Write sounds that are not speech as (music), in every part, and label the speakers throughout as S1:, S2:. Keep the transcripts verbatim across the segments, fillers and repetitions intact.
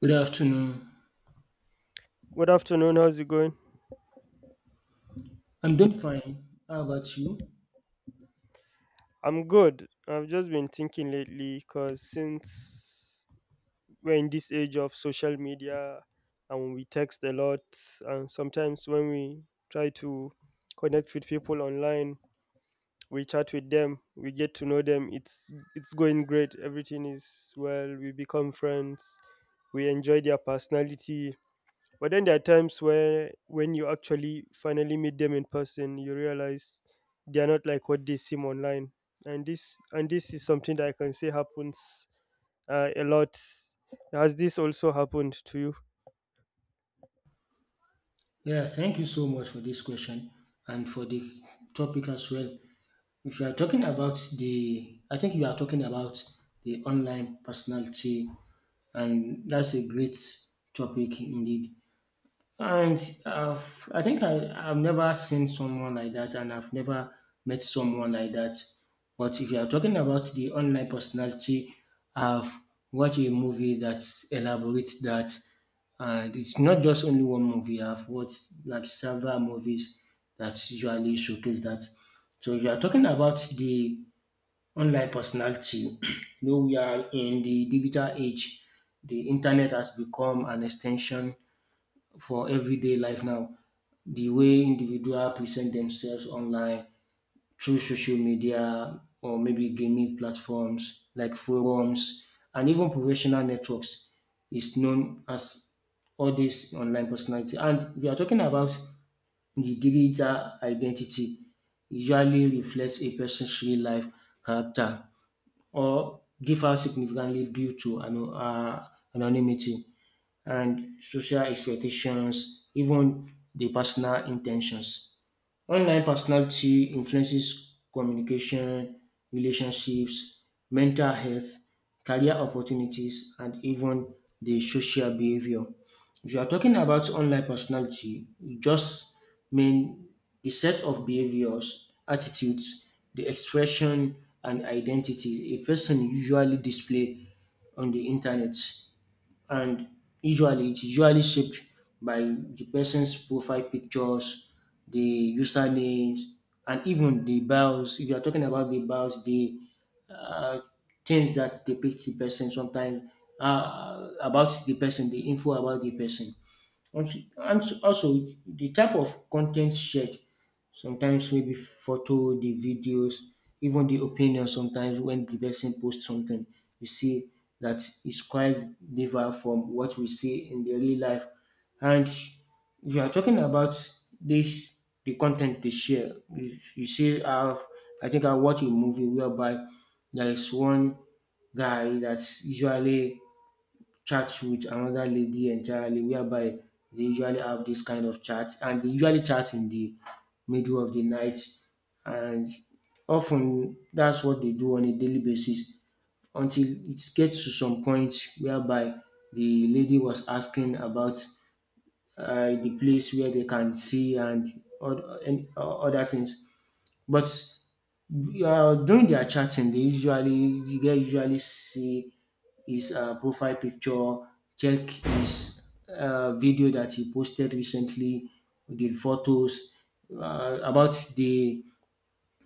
S1: Good afternoon.
S2: Good afternoon. How's it going?
S1: I'm doing fine. How about you?
S2: I'm good. I've just been thinking lately because since we're in this age of social media and we text a lot, and sometimes when we try to connect with people online, we chat with them, we get to know them. It's it's going great. Everything is well. We become friends. We enjoy their personality. But then there are times where when you actually finally meet them in person, you realize they are not like what they seem online. And this and this is something that I can say happens uh, a lot. Has this also happened to you?
S1: Yeah, thank you so much for this question and for the topic as well. If you are talking about the, I think you are talking about the online personality, and that's a great topic indeed. And uh, I think I, I've never seen someone like that, and I've never met someone like that. But if you are talking about the online personality, I've watched a movie that elaborates that. And it's not just only one movie, I've watched like several movies that usually showcase that. So if you are talking about the online personality, (clears throat) you know, we are in the digital age. The internet has become an extension for everyday life now. The way individuals present themselves online through social media or maybe gaming platforms like forums and even professional networks is known as all this online personality. And we are talking about the digital identity usually reflects a person's real life character or differs significantly due to ano- uh, anonymity and social expectations, even the personal intentions. Online personality influences communication, relationships, mental health, career opportunities, and even the social behavior. If you are talking about online personality, you just mean the set of behaviors, attitudes, the expression, and identity a person usually display on the internet and usually it's usually shaped by the person's profile pictures, the usernames, and even the bios. If you are talking about the bios, the uh, things that depict the person sometimes uh, about the person, the info about the person. And also, also the type of content shared sometimes maybe photo, the videos, even the opinion sometimes when the person posts something, you see that it's quite different from what we see in the real life. And if you are talking about this, the content they share, if you see, I've, I think I watched a movie whereby there is one guy that's usually chat with another lady entirely whereby they usually have this kind of chat, and they usually chat in the middle of the night and often that's what they do on a daily basis until it gets to some point whereby the lady was asking about uh, the place where they can see and oth- and other things but uh, during their chatting they usually you get usually see his uh, profile picture, check his uh, video that he posted recently, the photos uh, about the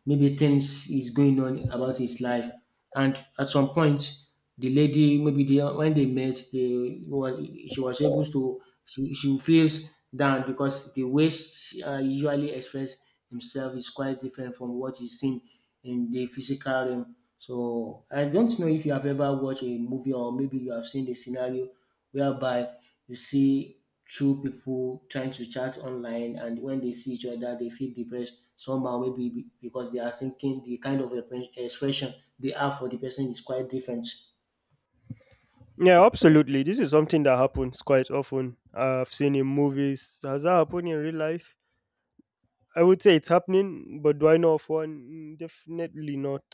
S1: maybe things is going on about his life. And at some point, the lady, maybe they, when they met, they was she was able to she, she feels down because the way she uh, usually express himself is quite different from what is seen in the physical realm. So I don't know if you have ever watched a movie or maybe you have seen the scenario whereby you see through people trying to chat online and when they see each other they feel depressed somehow maybe be- because they are thinking the kind of repre- expression they have for the person is quite different.
S2: Yeah, absolutely. This is something that happens quite often. I've seen in movies. Has that happened in real life? I would say it's happening, but do I know of one? Mm, definitely not.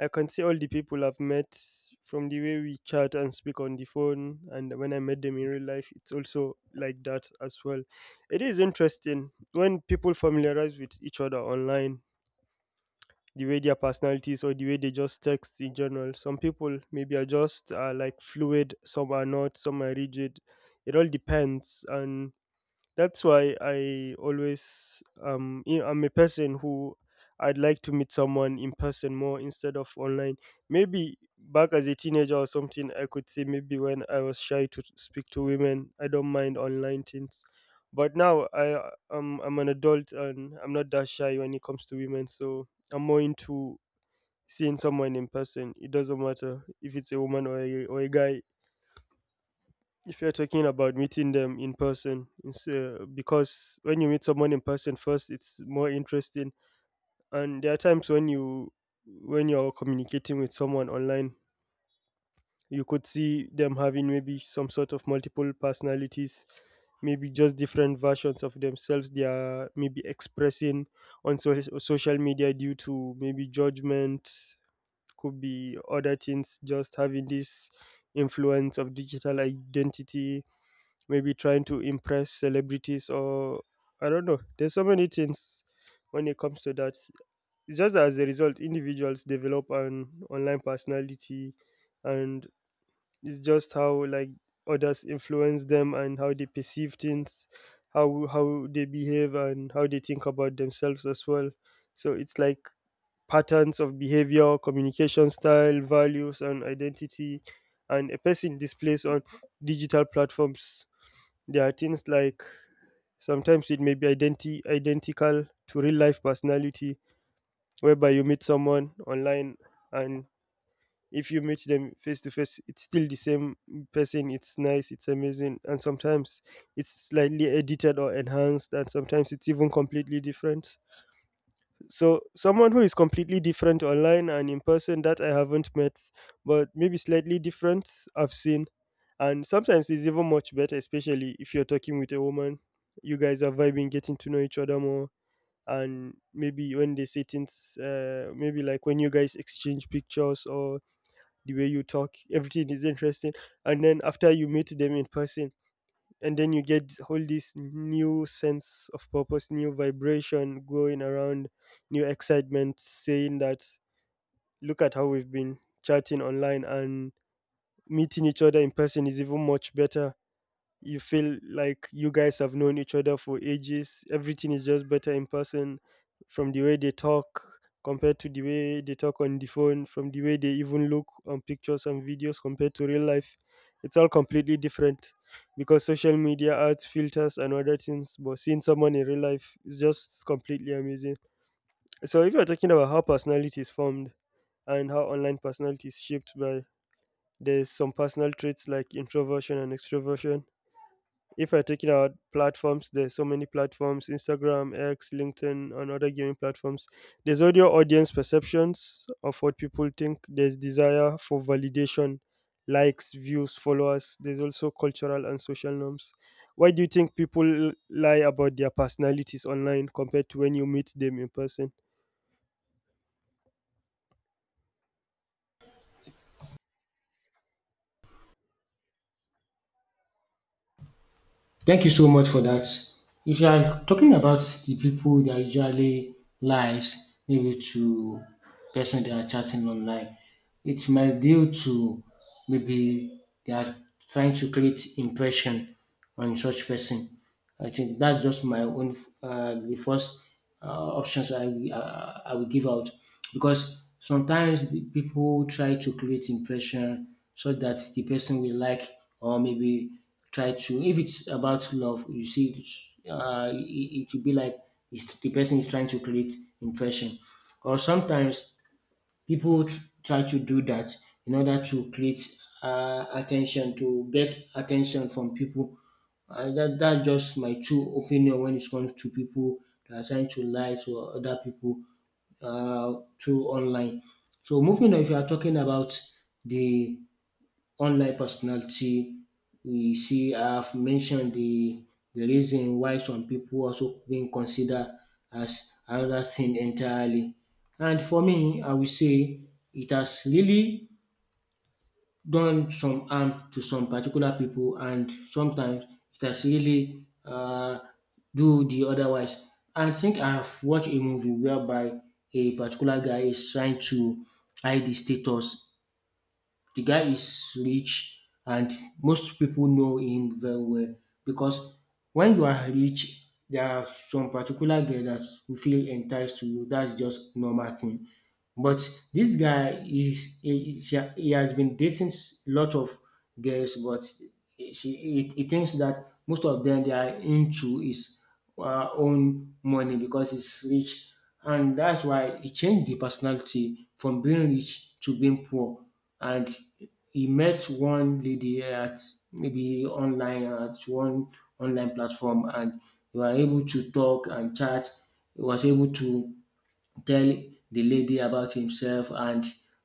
S2: I can see all the people I've met from the way we chat and speak on the phone, and when I met them in real life, it's also like that as well. It is interesting when people familiarize with each other online, the way their personalities or the way they just text in general. Some people maybe are just uh, like fluid, some are not, some are rigid. It all depends, and that's why I always um you know, I'm a person who I'd like to meet someone in person more instead of online. Maybe back as a teenager or something, I could say maybe when I was shy to speak to women, I don't mind online things. But now I um I'm an adult and I'm not that shy when it comes to women, so I'm more into seeing someone in person. It doesn't matter if it's a woman or a, or a guy. If you're talking about meeting them in person, it's, uh, because when you meet someone in person first, it's more interesting. And there are times when you when you're communicating with someone online, you could see them having maybe some sort of multiple personalities, maybe just different versions of themselves. They are maybe expressing on so- social media due to maybe judgment, could be other things. Just having this influence of digital identity maybe trying to impress celebrities or I don't know. There's so many things when it comes to that. It's just that as a result, individuals develop an online personality, and it's just how like others influence them and how they perceive things, how how they behave and how they think about themselves as well. So it's like patterns of behavior, communication style, values, and identity. And a person displays on digital platforms. There are things like sometimes it may be identi- identical to real life personality, whereby you meet someone online and if you meet them face to face, it's still the same person. It's nice, it's amazing, and sometimes it's slightly edited or enhanced, and sometimes it's even completely different. So someone who is completely different online and in person that I haven't met, but maybe slightly different I've seen. And sometimes it's even much better, especially if you're talking with a woman. You guys are vibing, getting to know each other more. And maybe when they say things, uh, maybe like when you guys exchange pictures or the way you talk, everything is interesting. And then after you meet them in person, and then you get all this new sense of purpose, new vibration going around, new excitement saying that look at how we've been chatting online, and meeting each other in person is even much better. You feel like you guys have known each other for ages. Everything is just better in person, from the way they talk compared to the way they talk on the phone, from the way they even look on pictures and videos compared to real life. It's all completely different because social media adds filters and other things, but seeing someone in real life is just completely amazing. So if you're talking about how personality is formed and how online personality is shaped by, there's some personal traits like introversion and extroversion. If we're taking out platforms, there's so many platforms: Instagram, X, LinkedIn, and other gaming platforms. There's audio audience perceptions of what people think. There's desire for validation, likes, views, followers. There's also cultural and social norms. Why do you think people lie about their personalities online compared to when you meet them in person?
S1: Thank you so much for that. If you are talking about the people that usually lies maybe to person they are chatting online, it might due to maybe they are trying to create impression on such person. I think that's just my own uh, the first uh, options I uh, I will give out because sometimes the people try to create impression so that the person will like or maybe try to if it's about love you see it's, uh, it, it will be like it's, the person is trying to create impression. Or sometimes people tr- try to do that in order to create uh, attention, to get attention from people uh, that that's just my true opinion when it comes to people that are trying to lie to other people uh, through online. So moving on, if you are talking about the online personality. We see I've mentioned the the reason why some people also being considered as another thing entirely. And for me, I will say it has really done some harm to some particular people, and sometimes it has really uh, do the otherwise. I think I've watched a movie whereby a particular guy is trying to hide his status. The guy is rich and most people know him very well because when you are rich, there are some particular girl that will feel enticed to you. That's just normal thing. But this guy is he, he he has been dating s- lot of girls, but she he, he thinks that most of them they are into his uh, own money because he's rich, and that's why he changed the personality from being rich to being poor. And he met one lady at maybe online at one online platform and they were able to talk and chat. He was able to tell the lady about himself and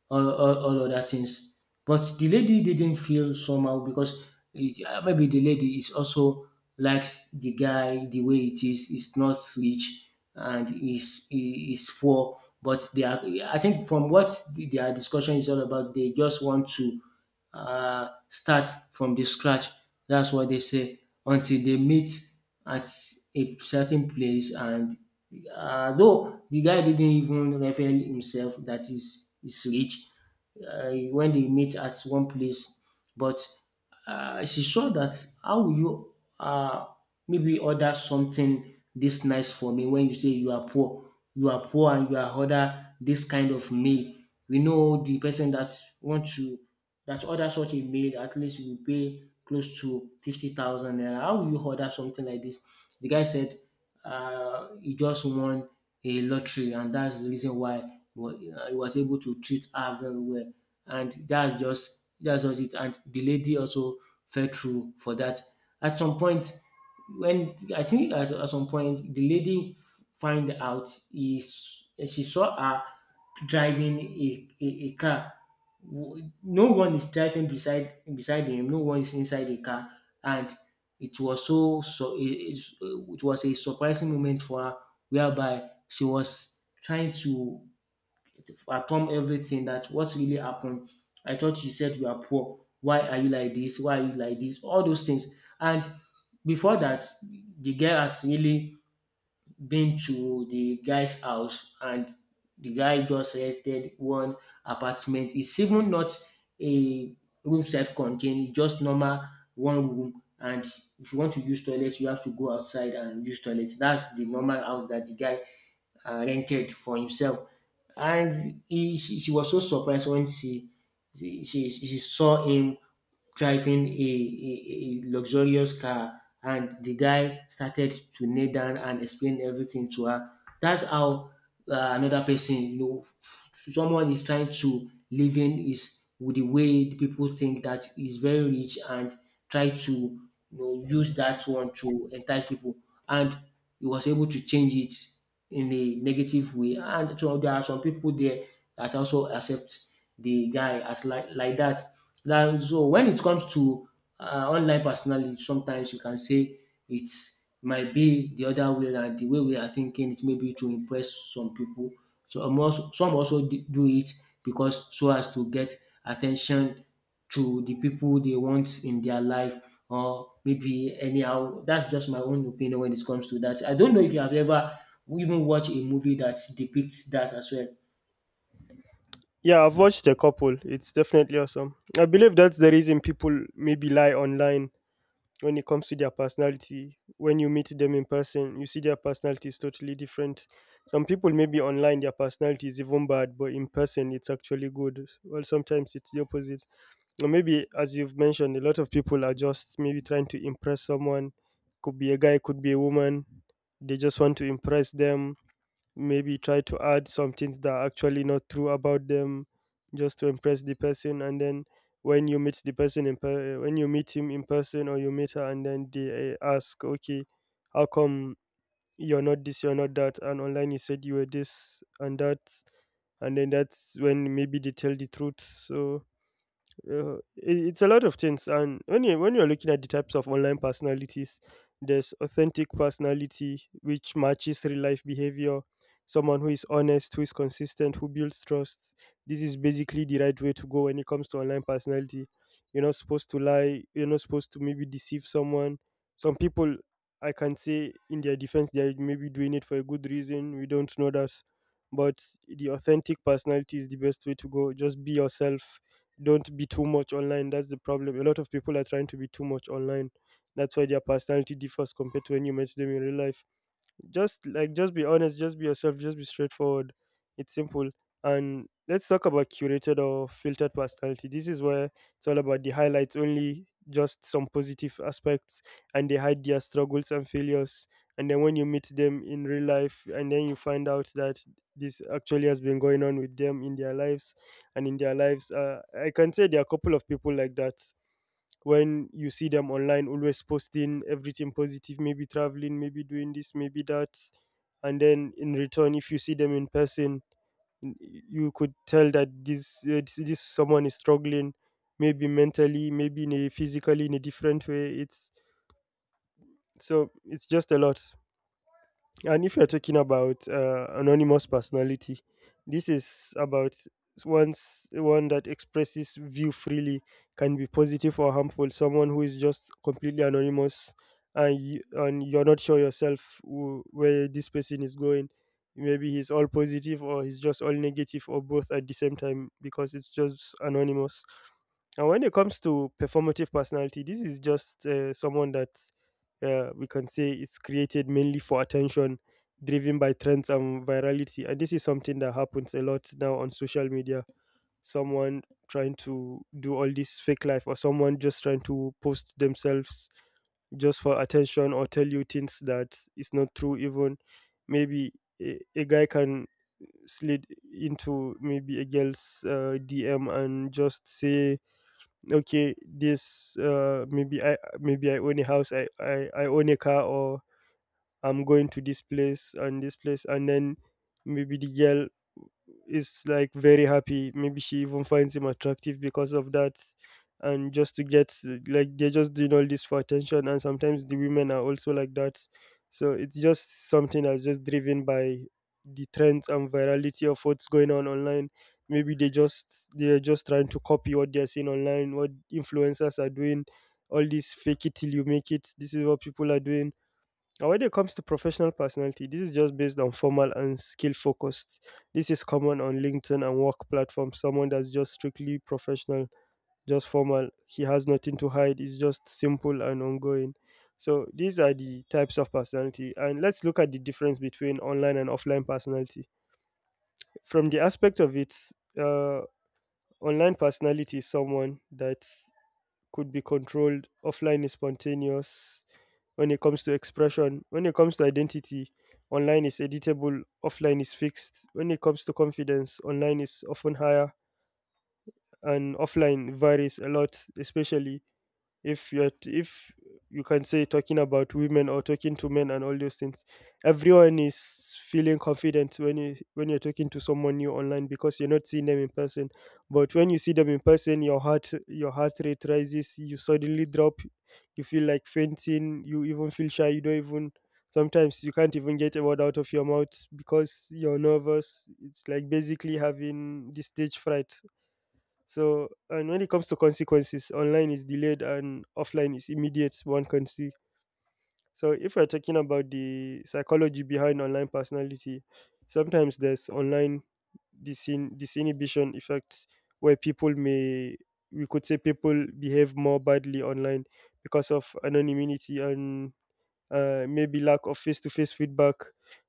S1: all, all, all other things. But the lady didn't feel somehow because it, uh, maybe the lady is also likes the guy the way it is. It's not rich and is is poor. But they are, I think from what the- their discussion is all about, they just want to uh, start from the scratch. That's what they say until they meet at a certain place and um though the guy didn't even reveal himself that he's he's rich, um when they meet at one place, but uh, she saw that, how will you uh, maybe order something this nice for me when you say you are poor? You are poor and you are order this kind of meal, we know the person that want to that order such a meal at least will pay close to fifty thousand naira, how will you order something like this? The guy said uh, he just won a lottery and that's the reason why wa- uh, he was able to treat her very well. And that's just that's just it. And the lady also petrol for that. At some point, when I think at, at some point the lady find out is she saw her driving a, a, a car. W- No one is driving beside beside him. No one is inside the car, and it was so so it, it was a surprising moment for her, whereby she was trying to atom everything that what really happened. I thought you said you are poor. Why are you like this? Why are you like this? All those things. And before that, the girl has really been to the guy's house and the guy just rented one apartment. It's even not a room self-contained, it's just normal one room. And if you want to use toilet, you have to go outside and use toilet. That's the normal house that the guy uh, rented for himself. And he, she, she was so surprised when she she, she, she saw him driving a, a, a luxurious car and the guy started to kneel down and explain everything to her. That's how uh, another person, you know, someone is trying to living is with the way people think that is very rich and try to, you know, use that one to entice people, and he was able to change it in a negative way. And so there are some people there that also accept the guy as like like that now. So when it comes to uh, online personality, sometimes you can say it might be the other way around. The way we are thinking it may be to impress some people. So um, also, some also d- do it because so as to get attention to the people they want in their life or maybe anyhow. That's just my own opinion when it comes to that. I don't know if you have ever even watched a movie that depicts that as well.
S2: Yeah, I've watched a couple. It's definitely awesome. I believe that's the reason people maybe lie online. When it comes to their personality, when you meet them in person, you see their personality is totally different. Some people maybe online their personality is even bad, but in person it's actually good. Well, sometimes it's the opposite, or maybe as you've mentioned, a lot of people are just maybe trying to impress someone, could be a guy, could be a woman. They just want to impress them, maybe try to add some things that are actually not true about them just to impress the person. And then when you meet the person in per- when you meet him in person or you meet her, and then they uh, ask, okay, how come you're not this, you're not that, and online you said you were this and that. And then that's when maybe they tell the truth. So uh, it, it's a lot of things, and when you when you're looking at the types of online personalities, there's authentic personality which matches real life behavior. Someone who is honest, who is consistent, who builds trust. This is basically the right way to go when it comes to online personality. You're not supposed to lie. You're not supposed to maybe deceive someone. Some people, I can say, in their defense, they are maybe doing it for a good reason. We don't know that, but the authentic personality is the best way to go. Just be yourself, don't be too much online. That's the problem. A lot of people are trying to be too much online. That's why their personality differs compared to when you meet them in real life. Just like, just be honest, just be yourself, just be straightforward. It's simple. And let's talk about curated or filtered personality. This is where it's all about the highlights only, just some positive aspects, and they hide their struggles and failures. And then when you meet them in real life, and then you find out that this actually has been going on with them in their lives and in their lives. Uh, I can say there are a couple of people like that. When you see them online always posting everything positive, maybe traveling, maybe doing this, maybe that, and then in return if you see them in person, n- you could tell that this uh, this, this someone is struggling, maybe mentally, maybe in a physically in a different way. It's so, it's just a lot. And if you're talking about uh, anonymous personality, this is about one's one that expresses view freely, can be positive or harmful. Someone who is just completely anonymous, and you, and you're not sure yourself who, where this person is going. Maybe he's all positive or he's just all negative or both at the same time because it's just anonymous. And when it comes to performative personality, this is just uh, someone that uh, we can say it's created mainly for attention, driven by trends and virality. And this is something that happens a lot now on social media. Someone trying to do all this fake life, or someone just trying to post themselves just for attention, or tell you things that is not true. Even maybe a, a guy can slid into maybe a girl's uh, D M and just say, okay, this uh, maybe I, maybe I own a house, I I I own a car, or I'm going to this place and this place. And then maybe the girl is like very happy, maybe she even finds him attractive because of that. And just to get uh, like, they're just doing all this for attention. And sometimes the women are also like that. So it's just something that's just driven by the trends and virality of what's going on online. Maybe they just they're just trying to copy what they're seeing online, what influencers are doing. All this fake it till you make it, this is what people are doing. Now, when it comes to professional personality, this is just based on formal and skill focused. This is common on LinkedIn and work platforms. Someone that's just strictly professional, just formal. He has nothing to hide. It's just simple and ongoing. So these are the types of personality. And let's look at the difference between online and offline personality. From the aspect of it, uh, online personality is someone that could be controlled. Offline is spontaneous when it comes to expression. When it comes to identity, online is editable, offline is fixed. When it comes to confidence, online is often higher, and offline varies a lot, especially if you're t- if you can say talking about women or talking to men and all those things, everyone is feeling confident when you when you're talking to someone new online because you're not seeing them in person. But when you see them in person, your heart, your heart rate rises, you suddenly drop, you feel like fainting, you even feel shy, you don't even, sometimes you can't even get a word out of your mouth because you're nervous. It's like basically having the stage fright. So, and when it comes to consequences, online is delayed and offline is immediate, one can see. So, if we're talking about the psychology behind online personality, sometimes there's online disin- disinhibition effect where people may, we could say, people behave more badly online because of anonymity and uh, maybe lack of face-to-face feedback.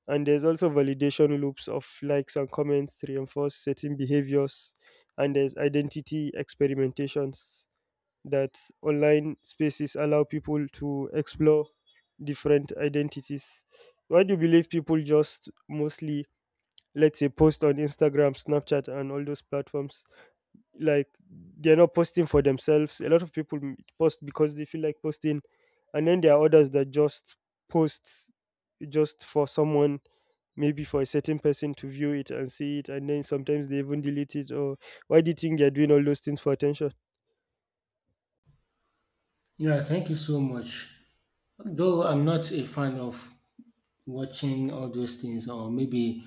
S2: And there's also validation loops of likes and comments to reinforce certain behaviors. And there's identity experimentations that online spaces allow people to explore different identities. Why do you believe people just mostly, let's say, post on Instagram, Snapchat, and all those platforms, like they're not posting for themselves? A lot of people m- post because they feel like posting, and then there are others that just post just for someone, maybe for a certain person to view it and see it, and then sometimes they even delete it. Or why do you think they're doing all those things for attention?
S1: Yeah, thank you so much. Though I'm not a fan of watching all those things, or maybe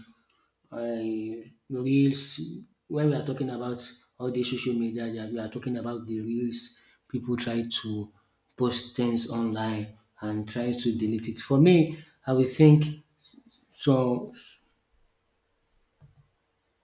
S1: I reels. When we are talking about all the social media, yeah, we are talking about the reels. People try to post things online and try to delete it. For me, I will think so.